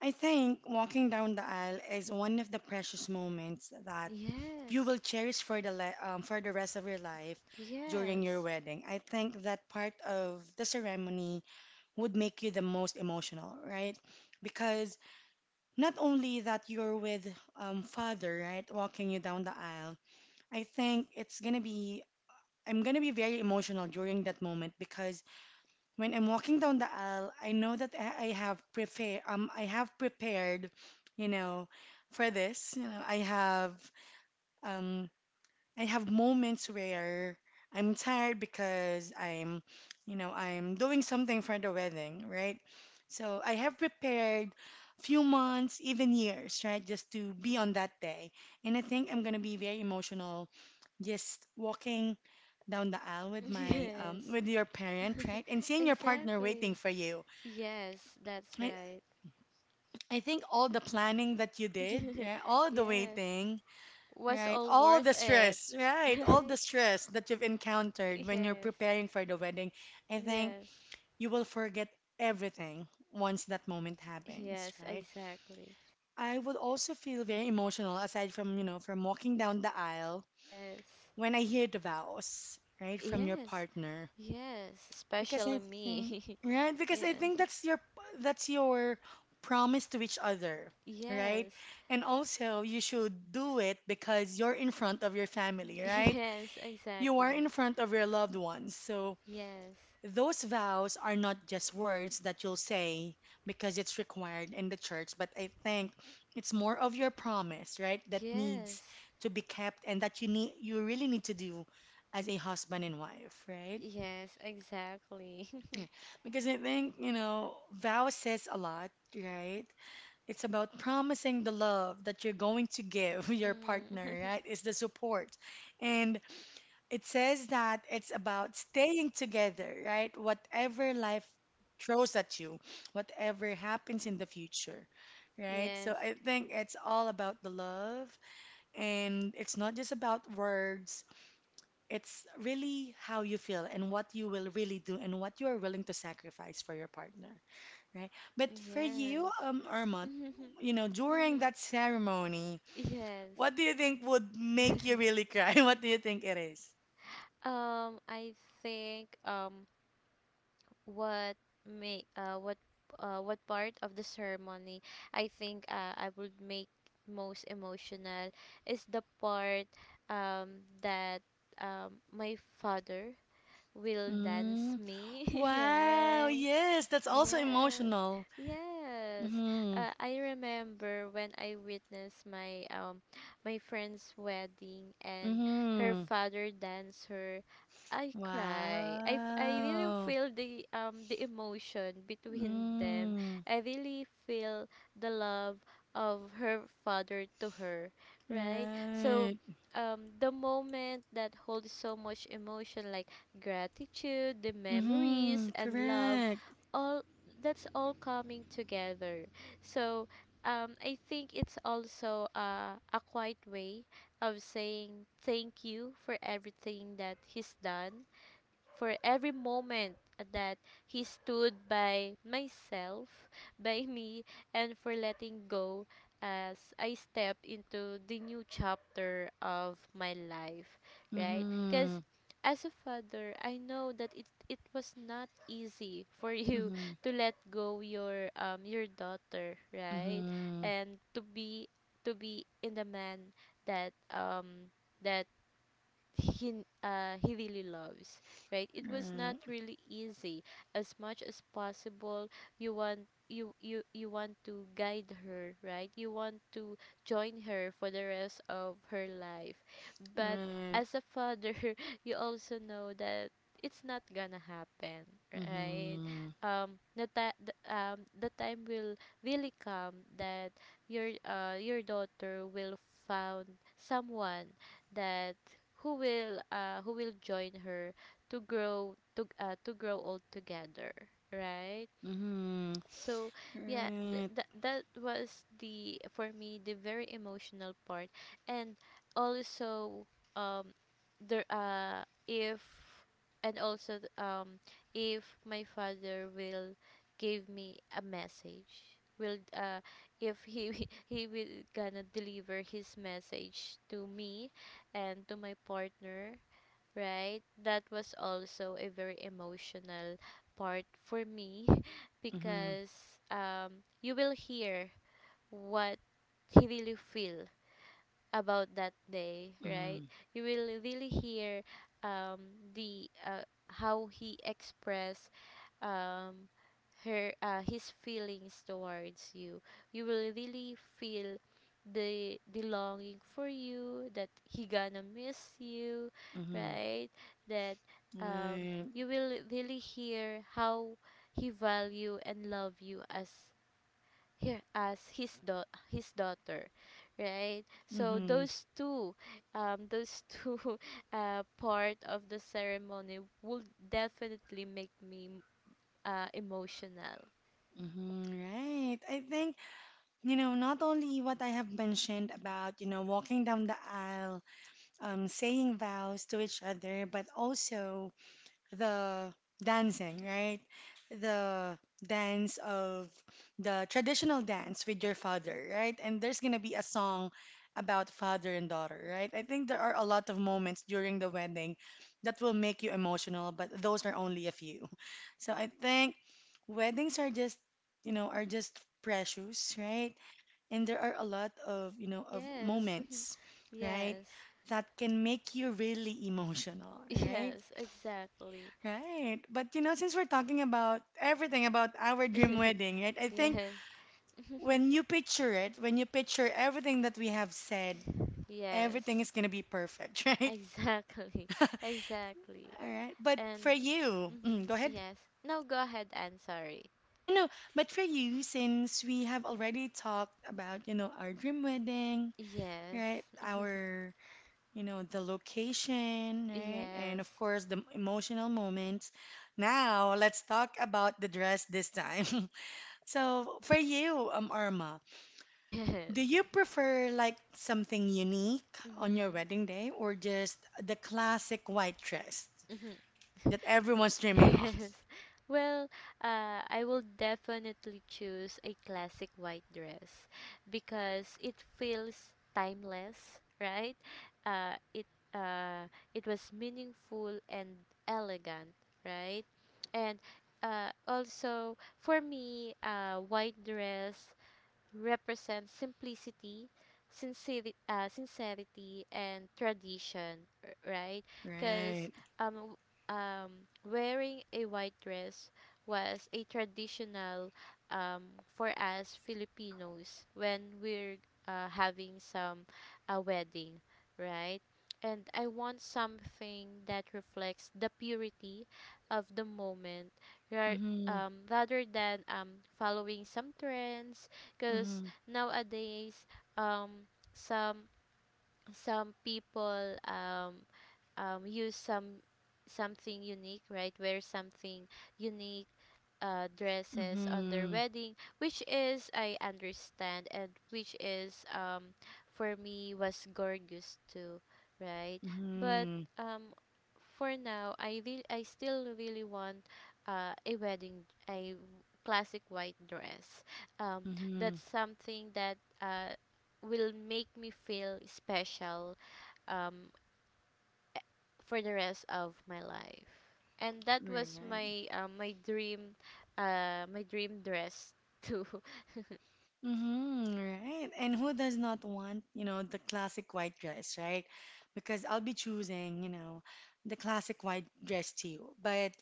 I think walking down the aisle is one of the precious moments that you
Yes,
will cherish for the le for the rest of your life during your
yes.
wedding. I think that part of the ceremony would make you the most emotional, right? Because not only that you're with father, right, walking you down the aisle, I think it's gonna be I'm gonna be very emotional during that moment because when I'm walking down the aisle, I know that I have prepare I have prepared, you know, for this. You know, um I have moments where I'm tired because I'm, you know, I'm doing something for the wedding, right? So I have prepared few months, even years, right, just to be on that day. And I think I'm gonna be very emotional just walking down the aisle with my
Yes,
with your parent, right? And seeing your partner waiting
exactly.
for you.
Yes, that's
Right?
right.
I think all the planning that you did, yeah, all the
Yes,
waiting,
was
right.
all
All the
worth it,
stress, right? All the
right?
stress that you've encountered when you're
Yes,
preparing for the wedding, I think
yes,
you will forget everything once that moment happens,
yes,
right?
exactly.
I would also feel very emotional aside from, you know, from walking down the aisle
Yes,
when I hear the vows, right, from your
yes,
partner.
yes,
Because I
especially
think,
me.
right? Because I think
Yes,
that's your promise to each other, right?
yes,
And also, you should do it because you're in front of your family, right?
yes,
You are
exactly.
in front of your loved ones. So
Yes,
those vows are not just words that you'll say because it's required in the church, but I think it's more of your promise, right? That needs
yes,
to be kept and that you really need to do as a husband and wife, right?
yes, exactly.
Yeah. Because I think, you know, vow says a lot, right? It's about promising the love that you're going to give your
Mm.
partner, right? It's the support. And it says that it's about staying together, right? Whatever life throws at you, whatever happens in the future, right? So
Yes,
I think it's all about the love and it's not just about words. It's really how you feel and what you will really do and what you are willing to sacrifice for your partner, right? But for you,
yes.
Irma,
Mhm.
you know, during
Mhm.
that ceremony,
Yes.
what do you think would make you really cry? What do you think it is?
Um, I think what make what What part of the ceremony, I think I would make most emotional, is the part that my father will dance me,
Wow,
right?
yes, that's also
Yes,
emotional.
yes.
Mm-hmm.
I remember when I witnessed my my friend's wedding and her
Mm-hmm.
father dance her. I cry. I really
Wow.
feel the emotion between them.
Mm.
I really feel the love of her father to her, right? So
Right.
the moment that holds so much emotion like gratitude, the
Mm-hmm.
memories and love,
Correct.
all that's all coming together. So I think it's also a quiet way of saying thank you for everything that he's done, for every moment that he stood by myself, by me, and for letting go as I step into the new chapter of my life, right?
Mm-hmm.
Because as a father, I know that it was not easy for you
Mm-hmm.
to let go your daughter, right?
Mm-hmm.
And to be, to be in the man that that he he really loves, right? It was not
Right.
really easy. As much as possible, you want, you want to guide her, right? You want to join her for the rest of her life, but
Right.
as a father you also know that it's not gonna happen, right?
Mm-hmm.
um the, ti- the The time will really come that your daughter will found someone that who will join her to grow to, to grow old together, right?
Mm-hmm.
so yeah th-
Right.
that that was the for me the very emotional part. And also, um there if and also th- if my father will give me a message, will, if he he will gonna deliver his message to me and to my partner, right? That was also a very emotional part for me
Mm-hmm.
because you will hear what he really feel about that day, right?
Mm-hmm.
You will really hear, um, the how he express, um her his feelings towards you. You will really feel the longing for you, that he gonna miss you,
Mm-hmm.
right? That,
Right.
you will really hear how he value and love you as here as his daughter, right? So
Mm-hmm.
those two, those two part of the ceremony would definitely make me, emotional.
Mm-hmm. Right. I think, you know, not only what I have mentioned about, you know, walking down the aisle, saying vows to each other, but also the dancing, right? The dance of the traditional dance with your father, right? And there's gonna be a song about father and daughter, right? I think there are a lot of moments during the wedding that will make you emotional, but those are only a few. So I think weddings are just, you know, are just precious, right? And there are a lot of, you know, of
Yes,
moments, right,
yes,
that can make you really emotional, right,
yes, exactly.
right. But you know, since we're talking about everything about our dream wedding, right, I think
Yes,
when you picture it, when you picture everything that we have said, everything
yes,
is going to be perfect. Right,
exactly,
all
exactly.
right. But
And
for you,
mm-hmm,
go ahead.
yes. Now go ahead and sorry.
I know, but for you, since we have already talked about, you know, our dream wedding,
Yes,
right, our, you know, the location, right? And of
yes,
course, the emotional moments. Now, let's talk about the dress this time. So, for you, Arma, do
yes.
you prefer like something unique on your
Mm-hmm.
wedding day or just the classic white dress
Mhm.
that everyone's dreaming of?
Yes. Well, I will definitely choose a classic white dress because it feels timeless, right? Uh, it uh, it was meaningful and elegant, right? And, also for me, white dress represents simplicity, sincerity, sincerity and tradition, right? Because
Right.
um, w- um, wearing a white dress was a traditional, um, for us Filipinos, when we're, having some a wedding, right? And I want something that reflects the purity of the moment, ra-
Mm-hmm.
rather than, following some trends, because
Mm-hmm.
nowadays, um some some people use something unique, right? Wear something unique, dresses on their
Mm-hmm.
wedding, which is, I understand, and which is, for me, was gorgeous too, right? But,
Mm-hmm.
um for now, I still really want, uh, a wedding a classic white dress. Um,
Mm-hmm.
that's something that, will make me feel special um for the rest of my life. And that was
Right.
my, my dream, my dream dress too.
Mm-hmm, right. And who does not want, you know, the classic white dress, right? Because I'll be choosing, you know, the classic white dress too. But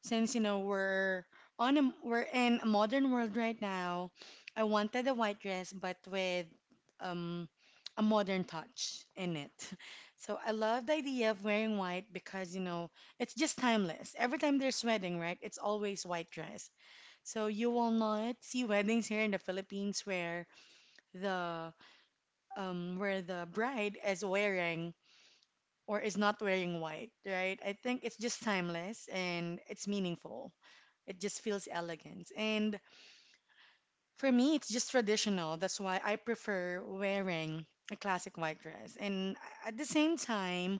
since, you know, we're in a modern world right now, I wanted a white dress but with um a modern touch in it. So I love the idea of wearing white because, you know, it's just timeless. Every time there's wedding, right? It's always white dress. So you will not see weddings here in the Philippines the where the bride is wearing or is not wearing white, right? I think it's just timeless and it's meaningful. It just feels elegant. And for me, it's just traditional. That's why I prefer wearing a classic white dress. And at the same time,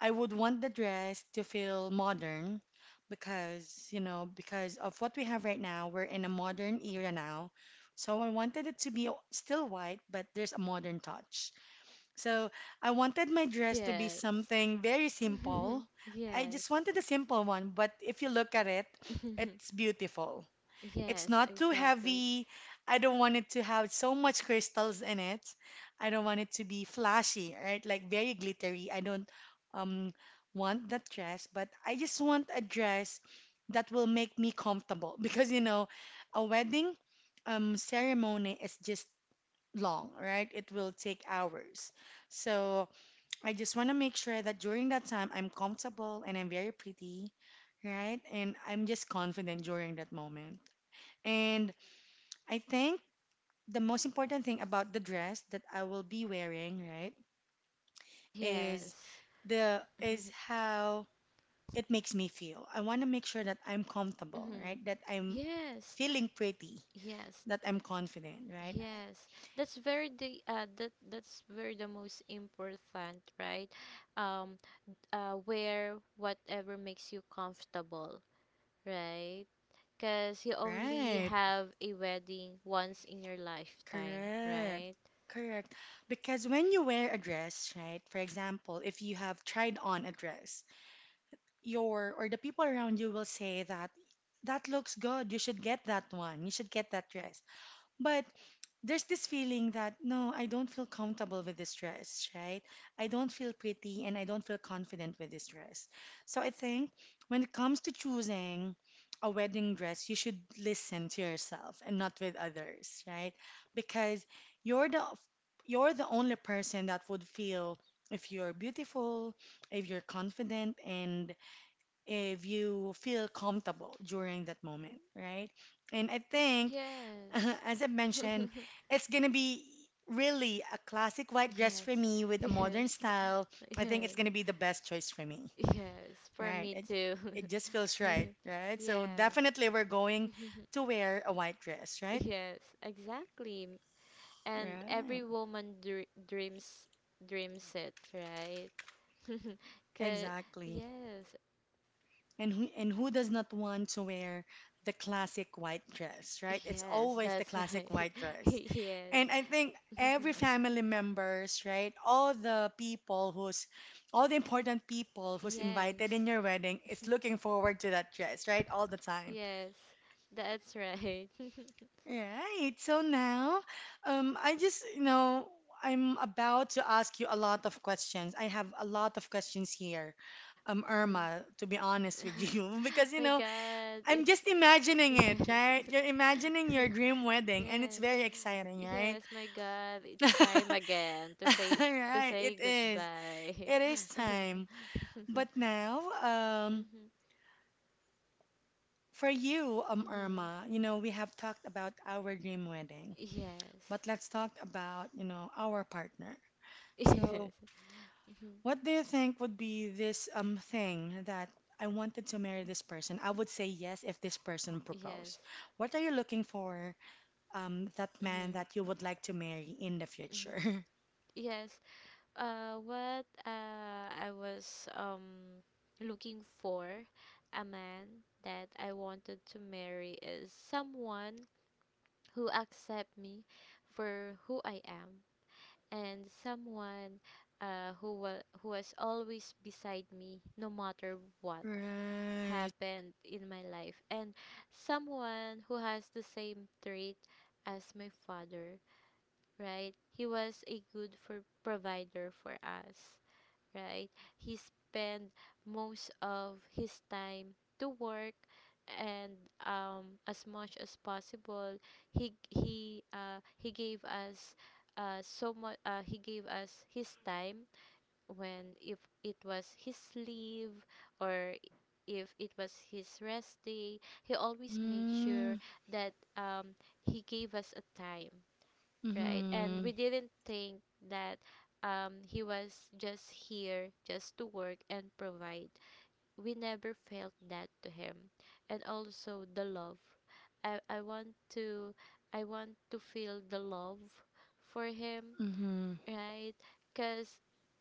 I would want the dress to feel modern because, you know, because of what we have right now, we're in a modern era now. So I wanted it to be still white, but there's a modern touch. So I wanted my dress to be
Yes.
something very simple. I
Yes.
just wanted a simple one, but if you look at it, it's beautiful. It's
Yes,
not too
exactly.
heavy. I don't want it to have so much crystals in it. I don't want it to be flashy, right? Like very glittery. I don't um want that dress, but I just want a dress that will make me comfortable because you know, a wedding ceremony is just long, right? It will take hours. So I just want to make sure that during that time I'm comfortable and I'm very pretty, right? And I'm just confident during that moment. And I think the most important thing about the dress that I will be wearing, right, is
Yes.
is how it makes me feel. I want to make sure that I'm comfortable, right?
Mhm,
That I'm
yes.
feeling pretty,
Yes.
that I'm confident, right?
Yes. That's very the that's very the most important, right? Um Wear whatever makes you comfortable, right? Because you only
Right.
have a wedding once in your lifetime,
Correct.
right?
Correct. Because when you wear a dress, right? For example, if you have tried on a dress, your or the people around you will say that that looks good. You should get that one. You should get that dress. But there's this feeling that no, I don't feel comfortable with this dress, right? I don't feel pretty and I don't feel confident with this dress. So I think when it comes to choosing a wedding dress, you should listen to yourself and not with others, right? Because you're the you're the only person that would feel if you're beautiful, if you're confident, and if you feel comfortable during that moment, right? And I think
Yes.
as I mentioned, it's gonna be really a classic white dress for
Yes.
me with a modern
Yes.
style. I
Yes.
think it's gonna be the best choice for me.
Yes. For
Right.
me too.
It just feels right, right? So
Yes.
definitely we're going to wear a white dress, right?
Yes, exactly. And every
Right.
woman dreams it, right? Cause
Exactly.
yes.
And who does not want to wear the classic white dress, right? It's
Yes,
always the
that's
classic
right.
white dress.
Yes.
And I think every family members, right? All the important people who's invited
Yes.
in your wedding is looking forward to that dress, right? All the time.
Yes. That's right.
Right. So now, I just, you know, I'm about to ask you a lot of questions. I have a lot of questions here,
Mhm.
Irma, to be honest with you, because, you
My
know,
god,
I'm
it's
just imagining it,
yes.
right? You're imagining your dream wedding, and it's
Yes.
very exciting, right?
Yes, my god, it's time again to
Right, it
say
is.
goodbye.
It is time. But now,
Mhm.
for you,
Mhm.
Irma, you know, we have talked about our dream wedding,
Yes.
but let's talk about, you know, our partner.
Yes.
So,
Mhm.
what do you think would be this thing that I wanted to marry this person? I would say yes if this person
Yes.
proposed. What are you looking for that man
Mhm.
that you would like to marry in the
Mhm.
future.
Yes. What I was, looking for a man that I wanted to marry, is someone who accept me for who I am, and someone, who was always beside me no matter what
Right.
happened in my life, and someone who has the same trait as my father. Right, he was a good for provider for us, right? He spent most of his time to work, and, as much as possible, he gave us, so much he gave us his time, when, if it was his leave, or if it was his rest day, he always make sure
Mm,
that, he gave us a time, right? And
mm-hmm.
we didn't think that, he was just here just to work and provide. We never felt that to him. And also the love. I, I want to I want to feel the love for him,
Mm-hmm.
right? Because,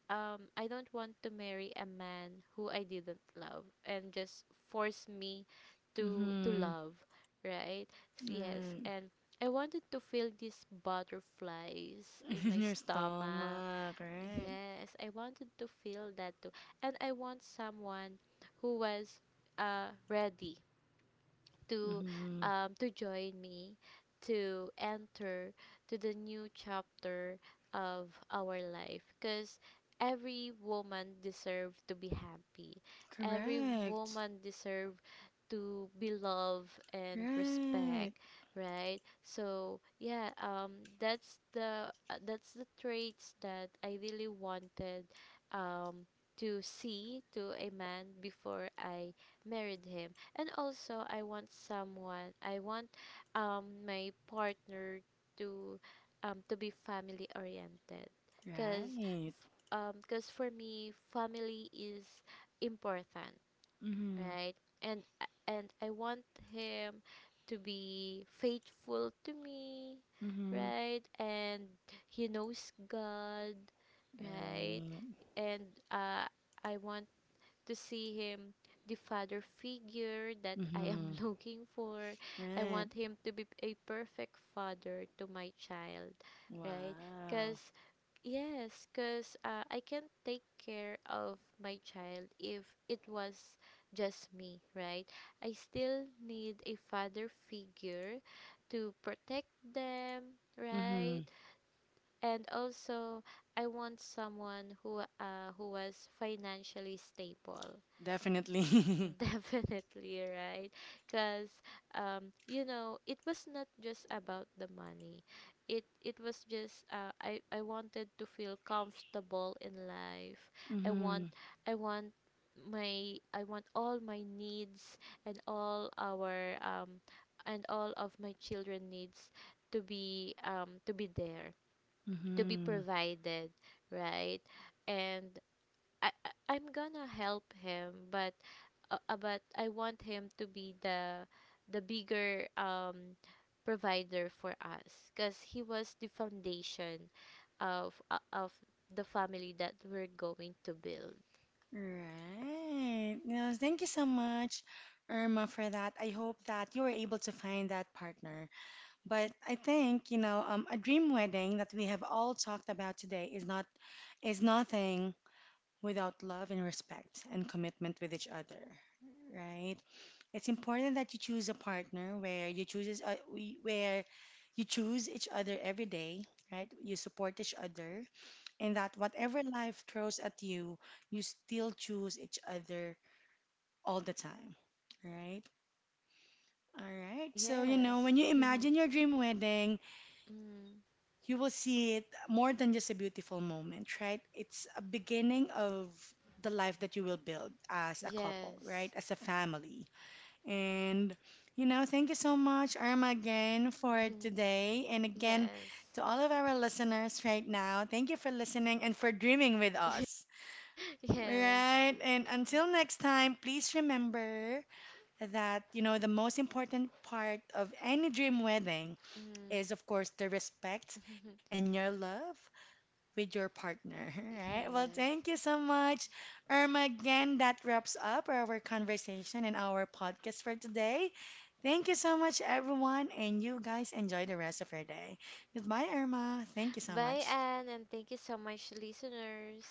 I don't want to marry a man who I didn't love and just force me to
Mm-hmm.
love, right? Yes,
Right.
and I wanted to feel these butterflies in my
In your
stomach.
stomach, right?
Yes, I wanted to feel that too, and I want someone who was ready to,
Mm-hmm.
to join me, to enter to the new chapter of our life, because every woman deserve to be happy, every
Correct.
woman deserve to be loved and respect,
Right.
right? So yeah, that's the, that's the traits that I really wanted, um to see to a man before I married him. And also, I want someone, I want, my partner to, to be family oriented, because,
Right.
for me, family is important,
Mm-hmm.
right? And I want him to be faithful to me,
Mm-hmm.
right? And he knows God, right?
Right.
And I want to see him the father figure that I am
Mm-hmm.
looking for. I
Right.
want him to be a perfect father to my child, right?
Wow.
Because yes, because, I can not take care of my child if it was just me, right? I still need a father figure to protect them,
Mm-hmm.
right? And also, I want someone who, who was financially stable.
Definitely.
Definitely, right. Because, you know, it was not just about the money. It was just, I wanted to feel comfortable in life. I
Mm-hmm.
want I want I want all my needs, and all our, and all of my children needs, to be, to be there, to be
Mm-hmm.
provided, right? And, I'm gonna help him, but, but I want him to be the bigger, provider for us, because he was the foundation of, of the family that we're going to build.
Right. No, thank you so much, Irma, for that. I hope that you were able to find that partner. But I think, you know, a dream wedding that we have all talked about today is nothing without love and respect and commitment with each other. Right? It's important that you choose a partner where where you choose each other every day, right? You support each other and that whatever life throws at you, you still choose each other all the time. Right? All right. So, you know, when
Yes.
you imagine your dream wedding,
Mm.
you will see it more than just a beautiful moment, right? It's a beginning of the life that you will build as a couple, right?
Yes.
As a family. And, you know, thank you so much, Irma, again for
Mhm,
today. And again,
yes.
to all of our listeners right now, thank you for listening and for dreaming with us.
Yes.
Right. And until next time, please remember that, you know, the most important part of any dream wedding
Mm.
is, of course, the respect and your love with your partner. Right. Well,
Yes.
thank you so much, Irma. Again, that wraps up our conversation and our podcast for today. Thank you so much, everyone. And you guys enjoy the rest of your day. Goodbye, Irma. Thank you so
Bye,
much.
Anne, and thank you so much, listeners.